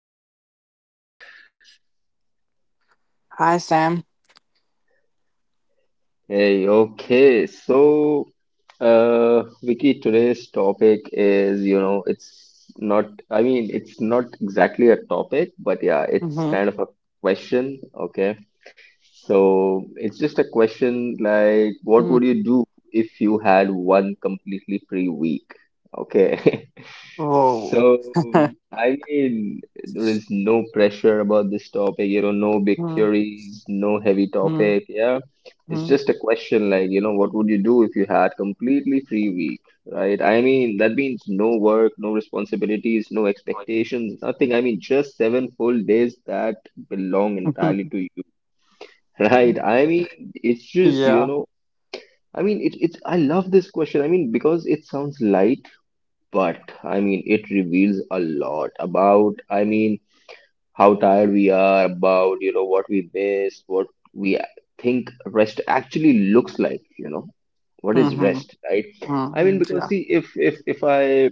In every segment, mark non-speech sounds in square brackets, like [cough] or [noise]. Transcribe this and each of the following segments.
episode. Hi, Sam. Hey, okay, so Vicky, today's topic is, it's not, I mean, it's not exactly a topic, but yeah, it's Mm-hmm. kind of a question, okay? So it's just a question like, what mm would you do if you had one completely free week? Okay. [laughs] Oh. So, [laughs] I mean, there is no pressure about this topic, you know, no big mm-hmm. theories, no heavy topic. Yeah. It's just a question like, you know, what would you do if you had completely free week, right? I mean, that means no work, no responsibilities, no expectations, nothing. I mean, just seven full days that belong entirely [laughs] to you. Right. I mean, it's just, you yeah. know, I mean, it, it's, I love this question. I mean, because it sounds light, but I mean, it reveals a lot about, I mean, how tired we are, about, you know, what we miss, what we think rest actually looks like, you know, what is Mm-hmm. rest, right? I mean, because Yeah. see, if, if, if I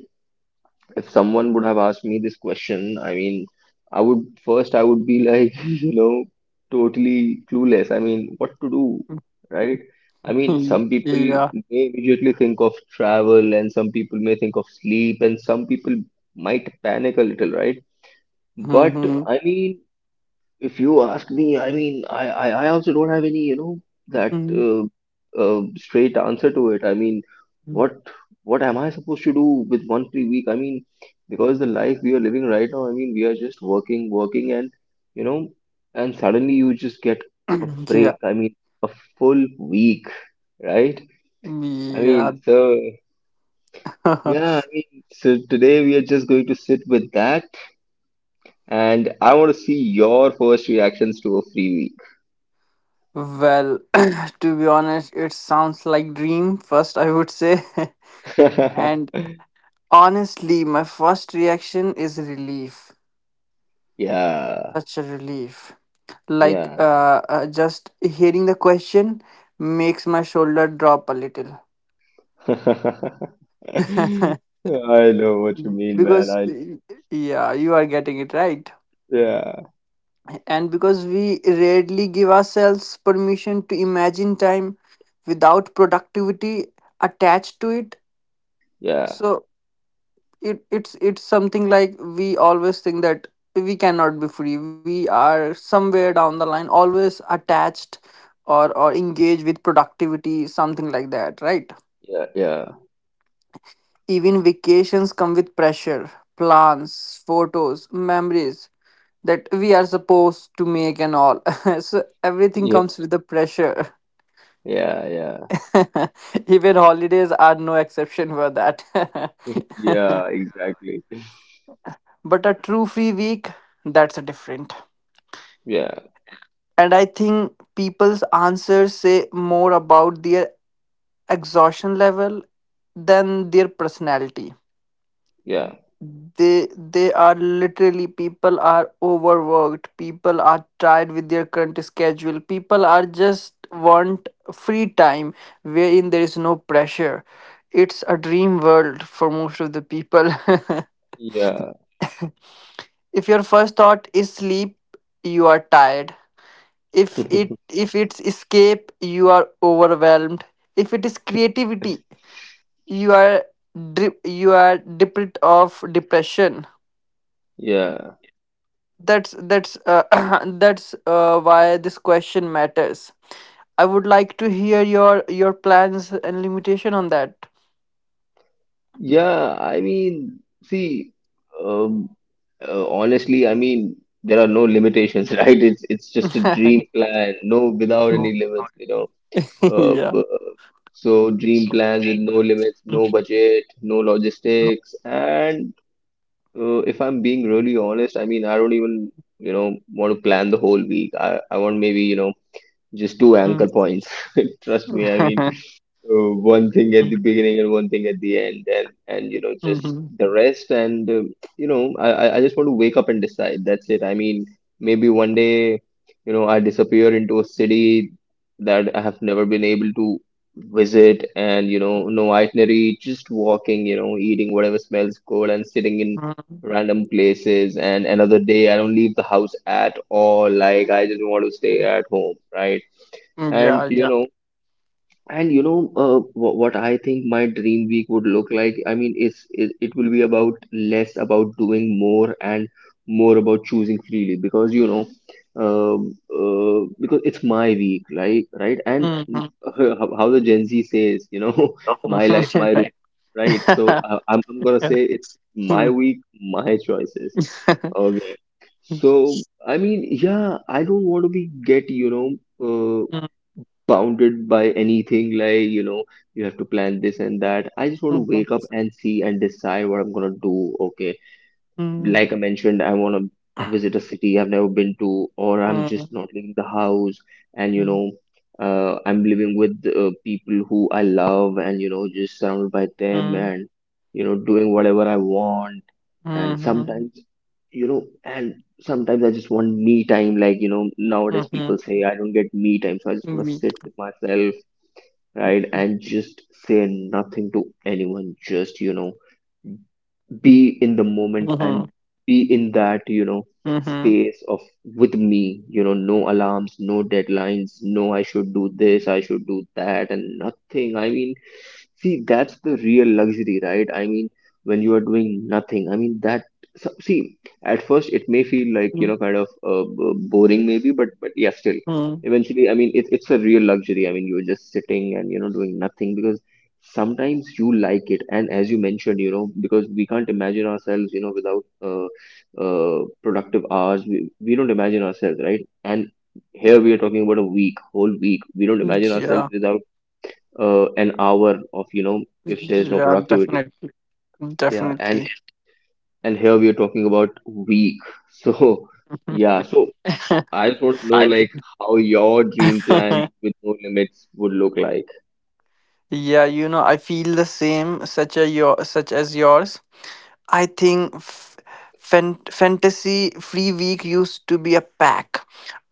if someone would have asked me this question, I mean, I would be like, [laughs] you know, totally clueless. I mean, what to do, right? I mean, Mhm. some people yeah. may immediately think of travel, and some people may think of sleep, and some people might panic a little, right? But Mm-hmm. I mean, if you ask me, I mean, I also don't have any, you know, that Mm, uh, uh, straight answer to it. I mean, mm. what what am I supposed to do with one free week? I mean, because the life we are living right now, I mean, we are just working, working, and you know, and suddenly you just get a [clears throat] yeah. break. I mean, a full week, right? I Yeah. mean, so yeah, I [laughs] mean, so today we are just going to sit with that, and I want to see your first reactions to a free Well, [clears throat] to be honest, it sounds like dream first, I would say. [laughs] week. And [laughs] honestly, my first reaction is relief. Yeah, Such a relief. Like yeah. Just hearing the question makes my shoulder drop a little. [laughs] [laughs] I know what you mean, man. Because I yeah, you are getting it right. yeah, And because we rarely give ourselves permission to imagine time without productivity attached to it. yeah, So it's something like we always think that we cannot be free. We are somewhere down the line always attached or engaged with productivity, something like that, right? yeah, yeah, Even vacations come with pressure, plans, photos, memories that we are supposed to make and all. [laughs] So everything yeah, comes with the pressure. yeah, yeah, [laughs] Even holidays are no exception for that. yeah, exactly. [laughs] But a true free week, that's a different. Yeah, And I think people's answers say more about their exhaustion level than their personality. yeah, They are literally, people are overworked, people are tired with their current schedule, people are just want free time wherein there is no pressure. It's a dream world for most of the people. yeah, [laughs] If your first thought is sleep, you are tired. if it [laughs] if it's escape, you are overwhelmed. If it is creativity, you are you are deprived of depression. yeah, That's [clears throat] That's why this question matters. I would like to hear your plans and limitation on that. yeah. I mean, see, um, honestly, I mean, there are no limitations, [laughs] right? It's just a dream [laughs] plan, no, without So- any limits, you know. [laughs] Uh, yeah. b- so dream plans with no limits, no budget, no logistics, and if I'm being really honest, I mean, I don't even, you know, want to plan the whole week. I want maybe, you know, just two Mm. anchor points. [laughs] Trust me, I mean, [laughs] one thing at the beginning and one thing at the end and you know just Mm, the rest and you know I just want to wake up and decide that's it. I mean maybe one day, you know, I disappear into a city that I have never been able to visit, and you know, no itinerary, just walking, you know, eating whatever smells good and sitting in mhm, mm, random places, and another day I don't leave the house at all. Like I just want to stay at home, right? And yeah, you yeah. know, and you know, what I think my dream week would look like. I mean, it will be about less about doing more and more about choosing freely because you know, because it's my week, right? Right? And Mhm. uh, how the Gen Z says, you know, [laughs] my life, my [laughs] rule, Right. right? So [laughs] I'm gonna Yeah. say it's my Mm. week, my choices. [laughs] Okay. So I mean, yeah, I don't want to be get you know. uh, bounded by anything like you know you have to plan this and that. I just want to Mm, wake up and see and decide what I'm gonna do, okay, like I mentioned. I want to visit a city I've never been to, or I'm just mhm, not leaving the house, and you mm, know, I'm living with people who I love, and you know, just surrounded by mm, them, mm, and you know, doing whatever I want. And mm, sometimes, you know, and sometimes I just want me time. Like you know, nowadays people mhm, say I don't get me time, so I just want mhm, to sit meat. with myself, right, and just say nothing to anyone. Just you know be in the moment Mhm, and be in that you know mhm, space of with me, you know, no alarms, no deadlines, no I should do this, I should do that, and nothing. I mean, see, that's the real luxury, right? I mean when you are doing nothing. I mean that see at first it may feel like mm, you know kind of boring maybe, but yeah, still mm, eventually, I mean, it's a real luxury. I mean, you're just sitting and you know doing nothing because sometimes you like it. And as you mentioned, you know, because we can't imagine ourselves, you know, without productive hours. We don't imagine ourselves, right? And here we are talking about a week, whole week. We don't imagine ourselves Yeah. without an hour of, you know, if there's no Yeah, productivity, definitely. yeah. and Definitely. and here we are talking about week. So [laughs] [laughs] yeah, so I just want to know like how your dream plan with no limits would look like. Yeah, you know, I feel the same, such a your such as yours. I think fantasy free week used to be a pack.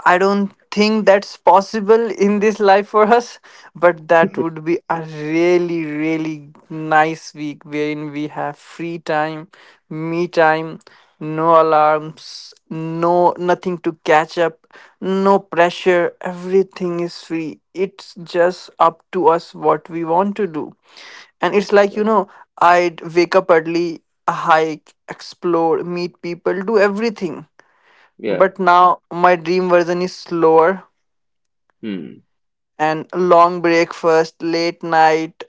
I don't think that's possible in this life for us, but that would be a really, really nice week wherein we have free time, me time, no alarms, no nothing to catch up, no pressure, everything is free. It's just up to us what we want to do, and it's like, Yeah, you know, I'd wake up early, hike, explore, meet people, do everything. yeah, But now my dream version is slower, hmm. and long breakfast, late night,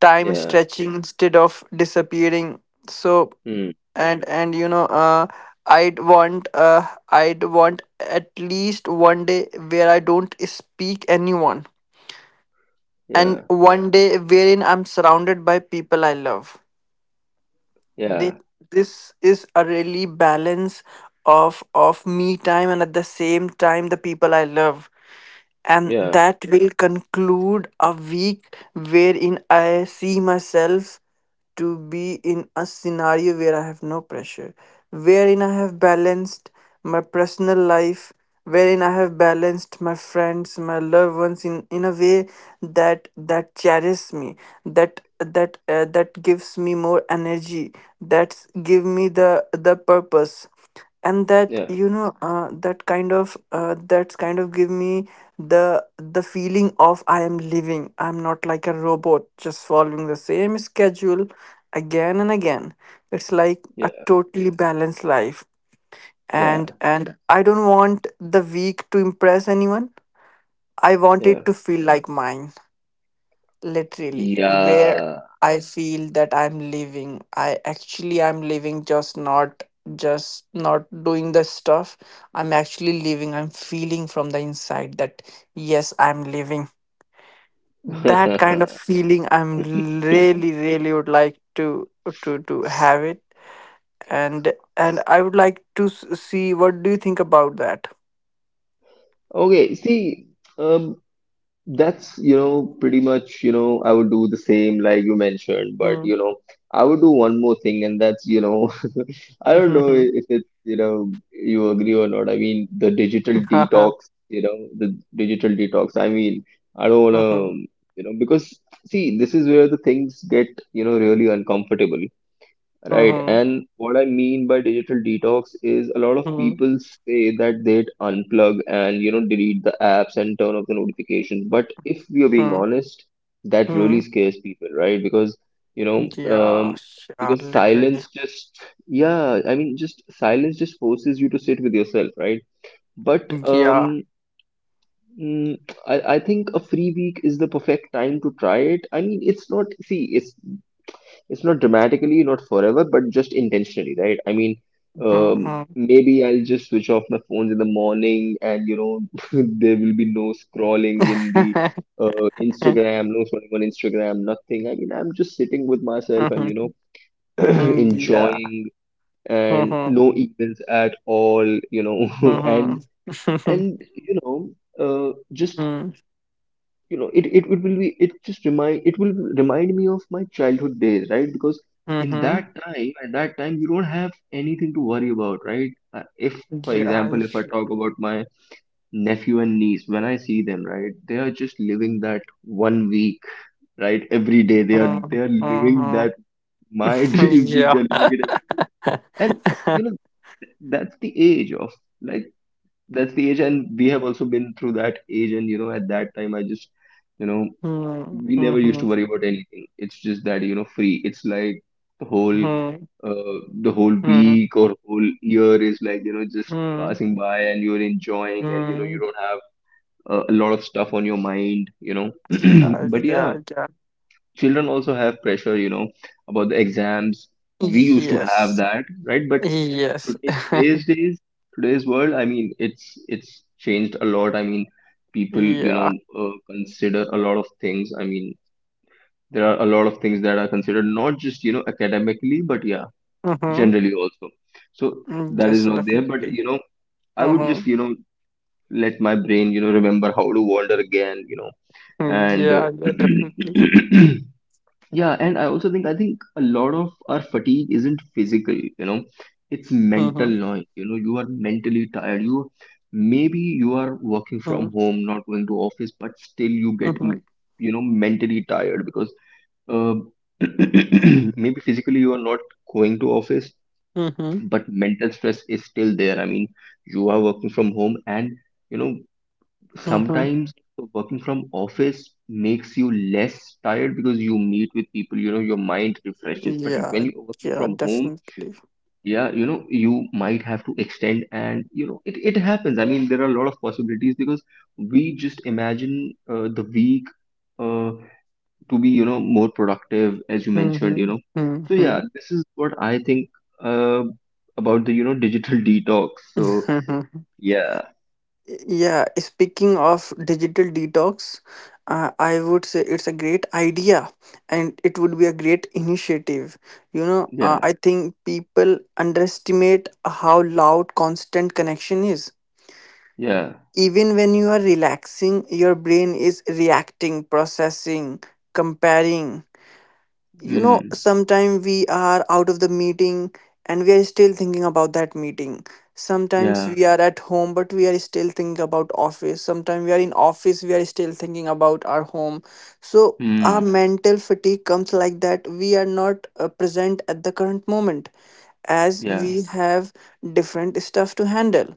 time Yeah, stretching instead of disappearing. So, hmm. And you know, I'd want, I'd want at least one day where I don't speak anyone, and Yeah, one day wherein I'm surrounded by people I love. thi- yeah. this is a really balance of me time and at the same time the people I love, and Yeah, that will conclude a week wherein I see myself to be in a scenario where I have no pressure, wherein I have balanced my personal life, wherein I have balanced my friends, my loved ones in a way that that cherishes me, that that gives me more energy, that's give me the purpose, and that, yeah, you know, that kind of, that's kind of give me the the feeling of I am living. I'm not like a robot just following the same schedule again and again. It's like a yeah, totally balanced life. and yeah, and I don't want the week to impress anyone. I want yeah, it to feel like mine, literally, where Yeah. yeah. I feel that I'm living. I actually I'm living, just not doing the stuff. I'm actually living. I'm feeling from the inside that yes, I'm living. That kind of [laughs] feeling I'm really really would like to to have it. And I would like to see what do you think about that. Okay, see, um, that's, you know, pretty much, you know, I would do the same like you mentioned, but, Hmm. you know, I would do one more thing, and that's, you know, [laughs] I don't [laughs] know Hmm. I- if it's, you know, you agree or not. I mean, the digital detox, you know, the digital detox. I mean, I don't Hmm. Hmm. wanna, [laughs] you know, because see, this is where the things get, you know, really uncomfortable. Right. Hmm. And what I mean by digital detox is a lot Hmm. of Hmm. people say that they'd unplug and, you know, delete the apps and turn off the notifications. But if we are being Hmm. honest, that Hmm. really scares people, right? Because, you know, Yeah, yeah, because literally. Yeah, I mean, just silence just forces you to sit with yourself, right? But Yeah. Mm, I think a free week is the perfect time to try it. I mean, it's not, see, it's not dramatically, not forever, but just intentionally, right? I mean, Mhm. maybe I'll just switch off my phones in the morning, and you know, [laughs] there will be no scrolling in the [laughs] Instagram, no scrolling on Instagram, nothing. I mean, I'm just sitting with myself and you know, Mhm. [clears throat] Yeah. enjoying, and Mhm. no emails at all, you know, [laughs] and Mhm. [laughs] and you know, just Mhm. you know it will be it will remind me of my childhood days, right? Because in Mhm. that time, at that time, you don't have anything to worry about, right? If for Yeah. example if I talk about my nephew and niece, when I see them, right, they are just living that one week. Right, every day they are Mhm. they are living Mhm. that my [laughs] [laughs] dream week. Yeah. They're living it every, and, you know, [laughs] that's the age of like, that's the age, and we have also been through that age, and you know at that time I just, you know, Mhm. we never used to Mhm. worry about anything. It's just that you know free, it's like the whole Mhm. The whole Mhm. week or whole year is like you know just Mhm. passing by and you're enjoying, and you know you Mhm. don't have a lot of stuff on your mind, you know. Yeah. [clears throat] But yeah, Yeah. Yeah. children also have pressure, you know, about the exams. We used to have Yes. that, right? But Yes. In today's [laughs] days, today's world, I mean, it's changed a lot. I mean people, you know, Yeah. Consider a lot of things. I mean there are a lot of things that are considered not just you know academically but yeah, Mhm. generally also. So that is Yes, not there, but definitely. you know I would just Mm-hmm. you know let my brain you know remember how to wander again, you know. And Yeah, yeah, definitely. [clears throat] yeah, and I also think, I think a lot of our fatigue isn't physical, you know, it's mental Mhm, noise. You know you are mentally tired. You maybe you are working mhm, from home, not going to office, but still you get mhm, you know mentally tired because uh, [clears throat] maybe physically you are not going to office, mhm, but mental stress is still there. I mean you are working from home, and you know mhm. sometimes working from office makes you less tired because you meet with people, you know your mind refreshes, but when Yeah, you're working yeah, from home, definitely. yeah, you know you might have to extend, and you know it happens. I mean there are a lot of possibilities because we just imagine the week Uh to be, you know, more productive as you mentioned you know. So yeah, Mhm. this is what I think uh, about the you know digital [laughs] detox so [laughs] yeah, Yeah, speaking of digital detox, I would say it's a great idea, and it would be a great initiative. You know, yeah, I think people underestimate how loud constant connection is. yeah, Even when you are relaxing, your brain is reacting, processing, comparing. You know, mm, sometimes we are out of the meeting and we are still thinking about that meeting. Sometimes yeah, we are at home but we are still thinking about office. Sometimes we are in office, we are still thinking about our home. So mm, our mental fatigue comes like that. We are not present at the current moment as yeah, we have different stuff to handle.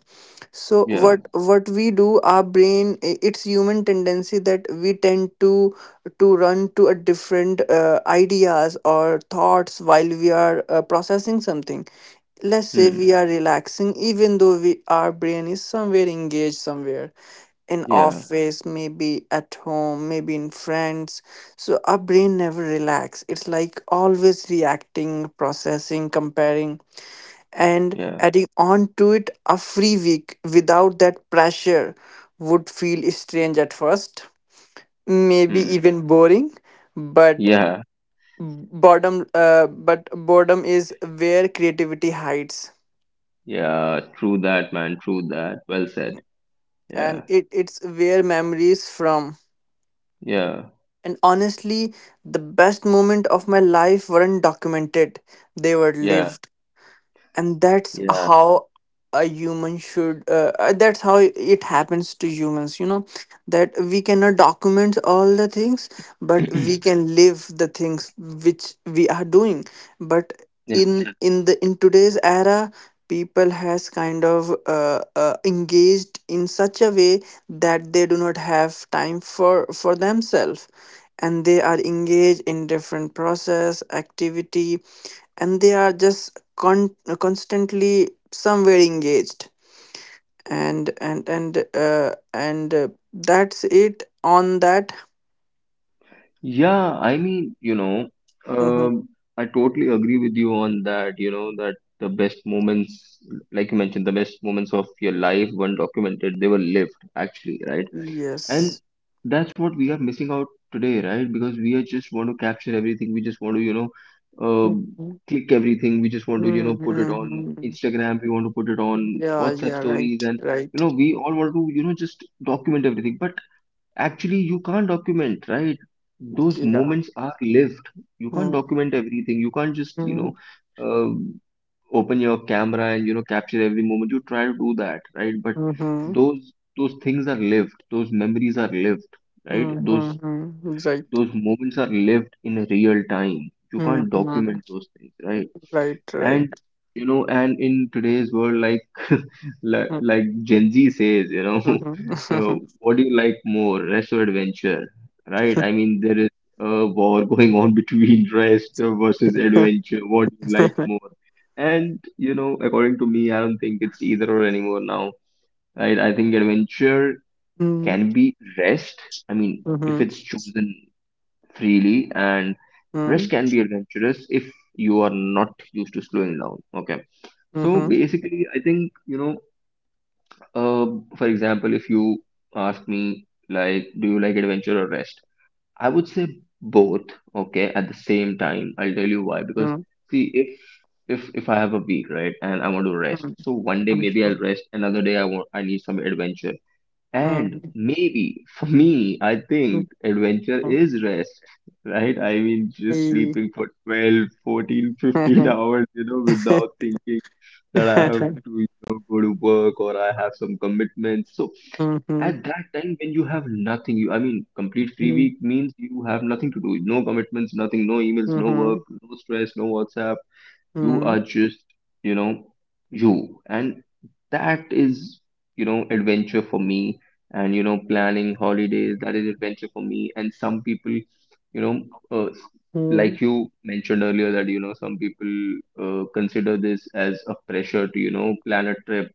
So yeah, what we do, our brain, it's human tendency that we tend to run to a different ideas or thoughts while we are processing something. Let's say mm, we are relaxing, even though we, our brain is somewhere engaged, somewhere in yeah, office, maybe at home, maybe in friends. So our brain never relax. It's like always reacting, processing, comparing, and yeah, adding on to it. A free week without that pressure would feel strange at first, maybe mm, even boring. But yeah, boredom but boredom is where creativity hides, yeah, true that man, true that, well said, and yeah, it, it's where memories from. yeah, And honestly, the best moment of my life weren't documented. They were yeah, lived. And that's yeah, how a human should, that's how it happens to humans, you know, that we cannot document all the things, but we [clears throat] can live the things which we are doing. But yeah. in Yeah. in the in today's era, people has kind of engaged in such a way that they do not have time for themselves, and they are engaged in different process activity, and they are just constantly somewhere engaged. And that's it on that. Yeah, I mean, you know, Mhm. um, I totally agree with you on that. You know, that the best moments, like you mentioned, the best moments of your life weren't documented, they were lived, actually, right? And Yes. that's what we are missing out today, right? Because we are just want to capture everything. We just want to, you know, um, Mhm. click everything. We just want to, you know, put it on Mhm. Instagram. We want to put it on Yeah, WhatsApp yeah, stories. right, And, you right. know, we all want to, you know, just document everything. But actually, you can't document, right? Those Yeah. moments are lived. You can't Mm-hmm. document everything. You can't just, you know, um open your camera and, you know, capture every moment. You try to do that, right? But Mm-hmm. those things are lived. Those memories are lived, right? Those Mm-hmm. Right. those moments are lived in real time. You can't Mm-hmm. document those things, right? Right, right. And you know, and in today's world, like [laughs] Mm-hmm. like Gen Z says, you know, [laughs] uh, what do you like more, rest or adventure? Right, I mean there is a war [laughs] going on between [laughs] rest versus [laughs] adventure. What do you like more? And you know, according to me, I don't think it's either or anymore now, right? I think adventure Mm-hmm. can be rest, I mean, if Mm-hmm. it's chosen freely, and Mm-hmm. rest can be adventurous if you are not used to slowing down. Okay, so Mm-hmm. basically I think you know, uh, for example, if you ask me like do you like adventure or rest, I would say both. Okay, at the same time I'll tell you why, because Mm-hmm. see, if I have a week, right, and I want to rest, so one day maybe I'll rest, another day I want I need some adventure. And Mm-hmm. maybe for me, I think adventure is rest, right? I mean, just Mm-hmm. sleeping for 12, 14, 15 [laughs] Mhm. hours, you know, without thinking that I have to, you know, go to work or I have some commitments. So Mhm. at that time when you have nothing, you, I mean, complete free Mhm. week means you have nothing to do, no commitments, nothing, no emails, no work, Mhm. no stress, no WhatsApp, you Mhm. are just, you know, you, and that is, you know, adventure for me. And you know, planning holidays, that is adventure for me. And some people, you know, uh, s- Mhm. like you mentioned earlier, that you know some people consider this as a pressure to, you know, plan a trip,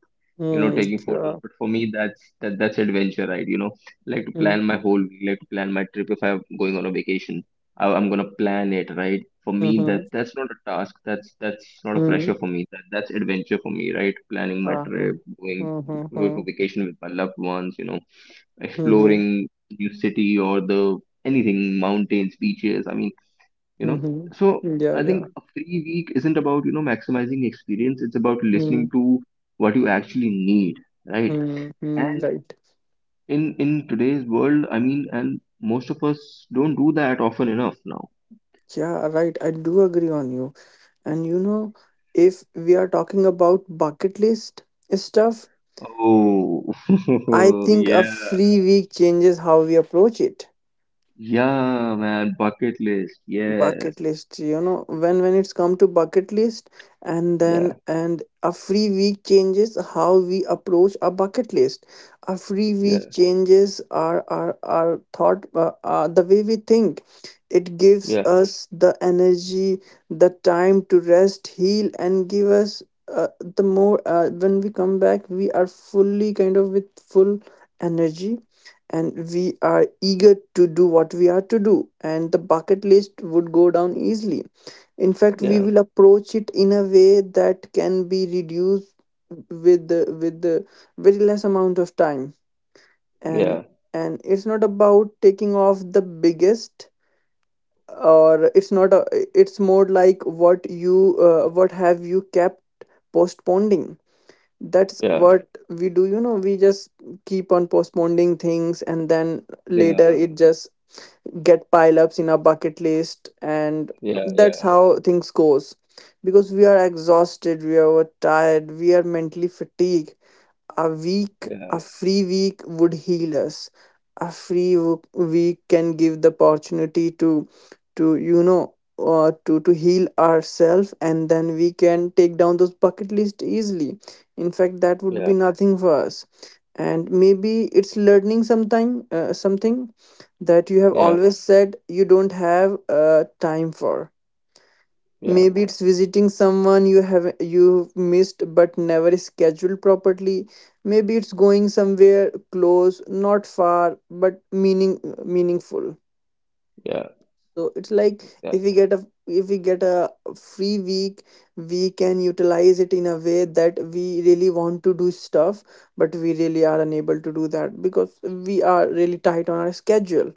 you know, taking photos. Yeah. But for me that's adventure, right? You know, like to Mhm. plan my whole week, like to plan my trip if I'm going on a vacation, I'm gonna plan it, right? For me that Mhm. that's not a task, that's not a pressure Mhm. for me, that's adventure for me, right? [laughs] Planning my Uh-huh. trip, going Mhm. go to Mhm. vacation with my loved ones, you know, Mhm. exploring new city or the anything, mountains, beaches, I mean, you know. Mhm. So Yeah, I think yeah. a free week isn't about, you know, maximizing experience, it's about listening Mhm. to what you actually need, right? Mhm. And Right. In today's world, I mean, and most of us don't do that often enough now. Yeah, right. I do agree on you. And you know, if we are talking about bucket list stuff, Oh, I [laughs] think a yeah, free week changes how we approach it. yeah man, bucket list, yes, Bucket list, you know, when it's come to bucket list, and then yeah, and a free week changes how we approach a bucket list. A free week yeah, changes our thought, the way we think. It gives yeah, us the energy, the time to rest, heal, and give us uh, the more, when we come back, we are fully kind of with full energy, and we are eager to do what we are to do, and the bucket list would go down easily. In fact, we yeah, will approach it in a way that can be reduced with the very less amount of time. and yeah, and it's not about taking off the biggest, or it's not a, it's more like what you, what have you kept postponing. That's yeah, what we do, you know, we just keep on postponing things, and then later yeah, it just get pile ups in our bucket list, and yeah, that's yeah, how things goes, because we are exhausted, we are tired, we are mentally fatigued. A week, yeah, a free week would heal us. A free week can give the opportunity to you know, to heal ourselves, and then we can take down those bucket list easily. In fact, that would yeah, be nothing for us. And maybe it's learning sometime, something that you have yeah, always said you don't have time for. yeah, Maybe it's visiting someone you have you missed but never scheduled properly. Maybe it's going somewhere close, not far, but meaning meaningful. yeah, So it's like, yeah, if we get a if we get a free week, we can utilize it in a way that we really want to do stuff, but we really are unable to do that because we are really tight on our schedule,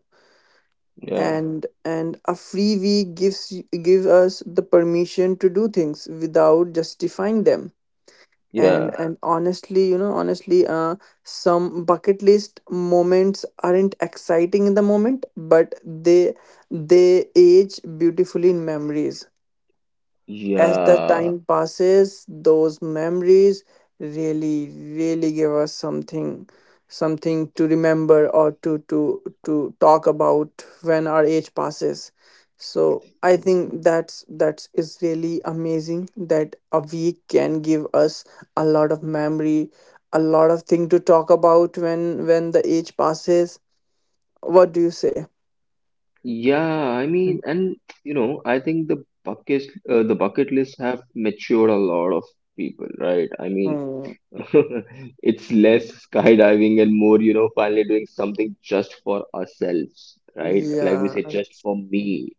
yeah, and a free week gives give us the permission to do things without justifying them. and yeah, and honestly, you know, honestly, some bucket list moments aren't exciting in the moment, but they age beautifully in memories. As the yeah. time passes, those memories really, really give us something, something to remember or to to talk about when our age passes. So I think that's that is really amazing that a week can give us a lot of memory, a lot of thing to talk about when the age passes. What do you say? Yeah, I mean, and you know, I think the bucket lists have matured a lot of people, right? I mean, Hmm. [laughs] it's less skydiving and more, you know, finally doing something just for ourselves, right? Like we Yeah. say, just for me,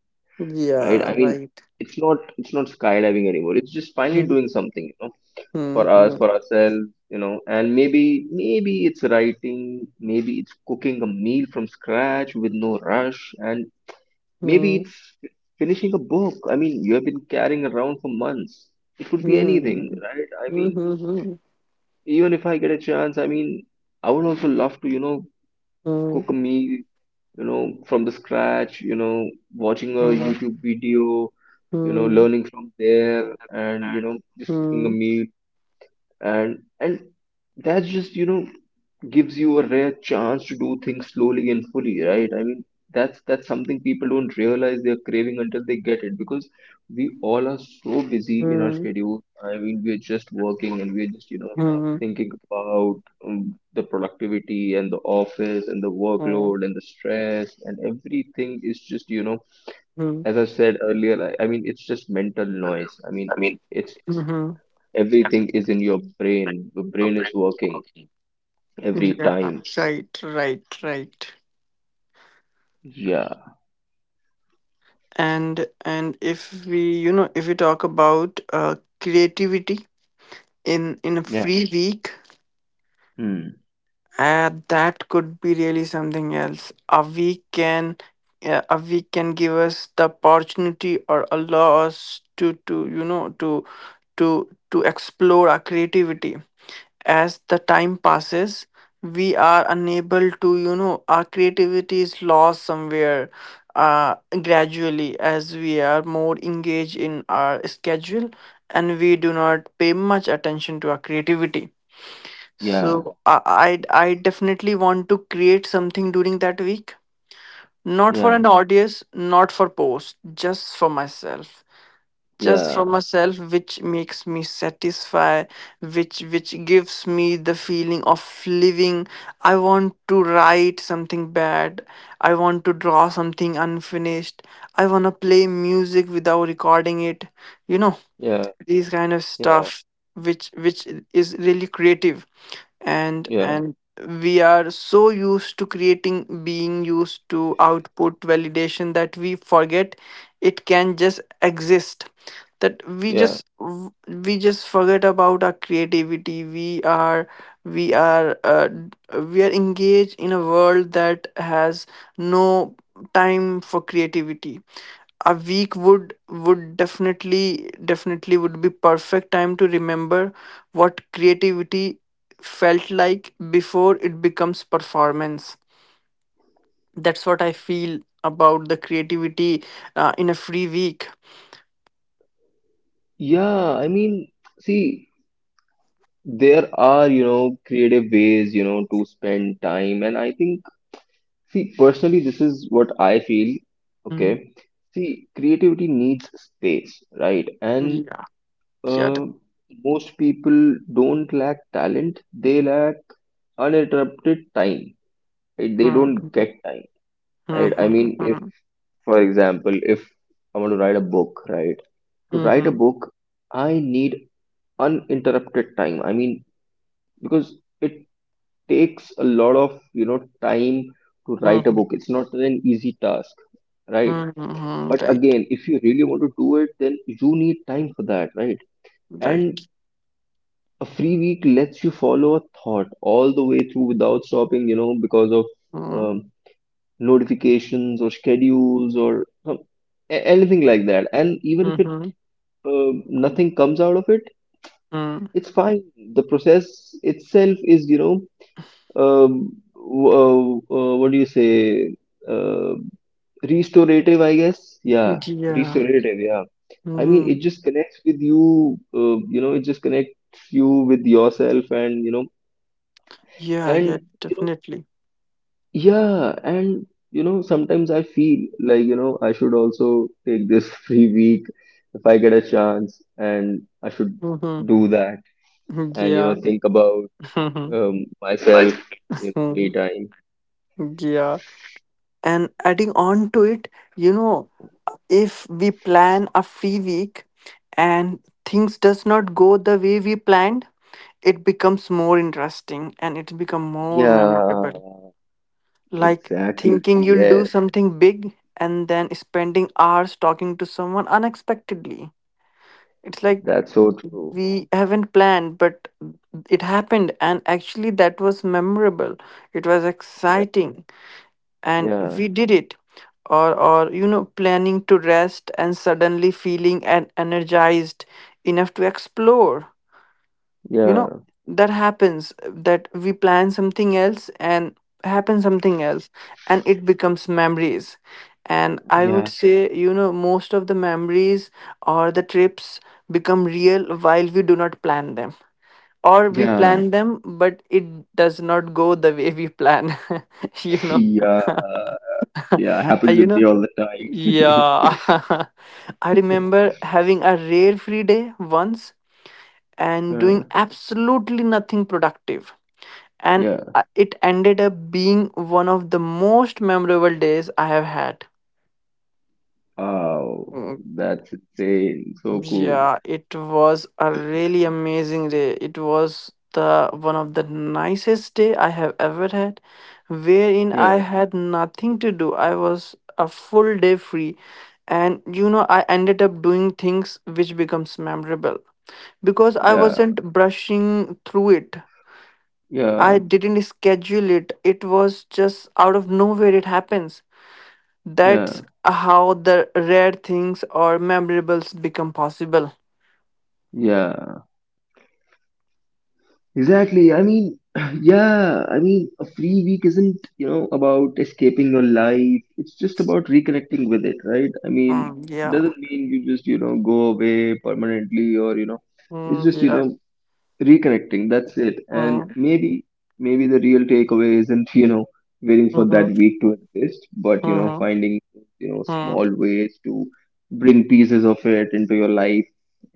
right? Yeah, I mean, right. it's not skydiving anymore. It's just finally doing something, you know, Hmm. for us, for ourselves, you know. And maybe maybe it's writing, maybe it's cooking a meal from scratch with no rush, and maybe Mhm. it's finishing a book. I mean, you have been carrying around for months. It could be anything, Mhm. right? I mean, Mhm. even if I get a chance, I mean, I would also love to, you know, Mhm. cook a meal, you know, from the scratch, you know, watching a Mhm. YouTube video, you know, Mhm. learning from there and, you know, just cooking a Mhm. meal. And that's just, you know, gives you a rare chance to do things slowly and fully, right? I mean, that's something people don't realize they're craving until they get it, because we all are so busy in our Mhm. schedule. I mean, we're just working and we're just, you know, Mhm. thinking about the productivity and the office and the workload and the stress and everything is just, you know, Mhm. as I said earlier, I mean it's just mental noise. I mean, it's Mhm. everything is in your brain, the brain is working every Yeah, time. right, right, right. Yeah. And if we, you know, if we talk about creativity in a free week, Hmm. That could be really something else. A week can give us the opportunity or allow us to you know to to explore our creativity. As the time passes we are unable to, you know, our creativity is lost somewhere, uh, gradually, as we are more engaged in our schedule and we do not pay much attention to our creativity. Yeah, So i i, I definitely want to create something during that week, not for yeah, an audience, not for post, just for myself, just for yeah, myself, which makes me satisfy, which gives me the feeling of living. I want to write something bad, I want to draw something unfinished, I want to play music without recording it you know yeah, these kind of yeah, stuff which is really creative. and yeah, and we are so used to creating, being used to output validation, that we forget it can just exist. That we yeah. just w- We just forget about our creativity. We are, we are, we are engaged in a world that has no time for creativity. A week would definitely definitely would be perfect time to remember what creativity felt like before it becomes performance. That's what I feel about the creativity, in a free week. Yeah, I mean, see, there are, you know, creative ways, you know, to spend time. And I think, see, personally, this is what I feel. Mm, Okay. See, creativity needs space, right? And yeah. yeah that- uh, most people don't lack talent, they lack uninterrupted time. Right? They Hmm, don't hmm, get time. hmm, Right? I mean, hmm, for example, if I want to write a book, right? To hmm, write a hmm, book, I need uninterrupted time. I mean, because it takes a lot of, you know, time to write a book. hmm, It's not an easy task, right? hmm, hmm, hmm, But right, again, if you really want to do it, then you need time for that, right? right. And a free week lets you follow a thought all the way through without stopping, you know, because of Hmm, um, notifications or schedules or some, anything like that. And even hmm, if it hmm, uh, nothing comes out of it, hmm. it's fine. The process itself is, you know, um, what do you say, uh, restorative, I guess. Yeah, Yeah. restorative, yeah. I mean, Hmm. it just connects with you, you know, it just connects you with yourself, and you know, Yeah, yeah, and you know, definitely. yeah. And you know, sometimes I feel like, you know, I should also take this [laughs] free week if I get a chance, and I should Hmm. do that. And you know, Yeah. think about Mhm, myself, you know, me mhm, time. yeah. And adding on to it, you know, if we plan a free week and things does not go the way we planned, it becomes more interesting and it's become more Yeah, memorable. Like exactly. thinking you'll do Yes, something big and then spending hours talking to someone unexpectedly. It's like that's so true. we haven't planned, but it happened, and actually that was memorable. It was Yeah, exciting and yeah, we did it. Or you know, planning to rest and suddenly feeling and energized enough to explore, you know, yeah, that happens, that we plan something else and happen something else, and it becomes memories. And I would yeah, say, you know, most of the memories or the trips become real while we do not plan them, or we yeah, plan [laughs] them but it does not go the way we plan. [laughs] You know. yeah, yeah, [laughs] happens You with me know. all the time. Yeah. [laughs] I remember having a rare free day once [laughs] and uh, doing absolutely nothing productive, and yeah. It ended up being one of the most memorable days I have had. Wow, Mm. that's insane. So cool. Yeah, it was a really amazing day. It was the one of the nicest day I have ever had, wherein I Yeah, had nothing to do. I was a full day free, and you know I ended up doing things which becomes memorable because I yeah, wasn't brushing through it. I yeah, didn't schedule it. It was just out of nowhere it happens. That's yeah, how the rare things or memorables become possible. yeah. Exactly. I mean, [clears throat] yeah, I mean, a free week isn't, you know, about escaping your life. It's just about reconnecting with it, right? I mean, Mm, it yeah. doesn't mean you just, you know, go away permanently or, you know, it's Mm, just, you yeah. know, reconnecting. That's it. And Mm, maybe, maybe the real takeaway isn't, [laughs] you know, waiting for that mhm, week to exist, but, you know, mhm, finding, you know, mm, small ways to bring pieces of it into your life,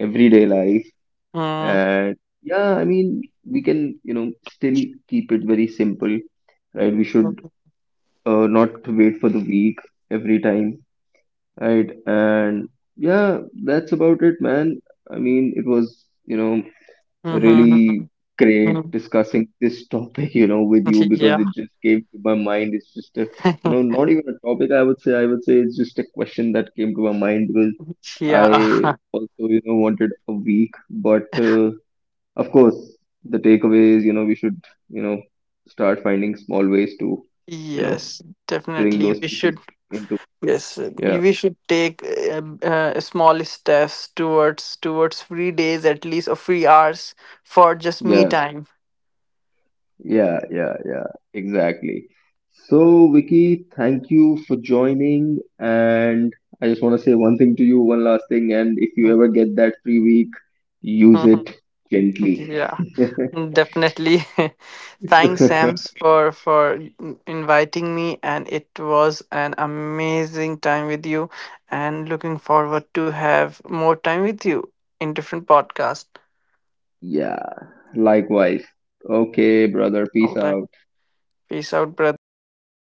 everyday life. mm, And yeah, I mean, we can, you know, still keep it very simple, right? We should mm, not wait for the week every time, right? And yeah, that's about it, man. I mean, it was, you know, mhm, mhm, really great mhm. discussing [laughs] this topic, you know, with you, because Yeah. it just came to my mind. It's just a, you know, [laughs] not even a topic, I would say. I would say it's just a question that came to my mind, because Yeah. I [laughs] also, you know, wanted a week, but of course, the takeaway is, you know, we should, you know, start finding small ways to, you know, Yes, bring definitely. those We pieces should, into. yes, Yeah, we should take small steps towards free days at least, or free hours, for just me yeah, time. yeah, yeah, yeah, exactly. So, Vicky, thank you for joining. And I just want to say one thing to you, one last thing. And if you ever get that free week, [laughs] use Mhm. it gently. Yeah. Mm, definitely. [laughs] Thanks, Sams, [laughs] for inviting me, and it was an amazing time with you. And looking forward to have more time with you in different podcasts. Yeah, likewise. Okay, brother, All peace right, out. peace out, brother.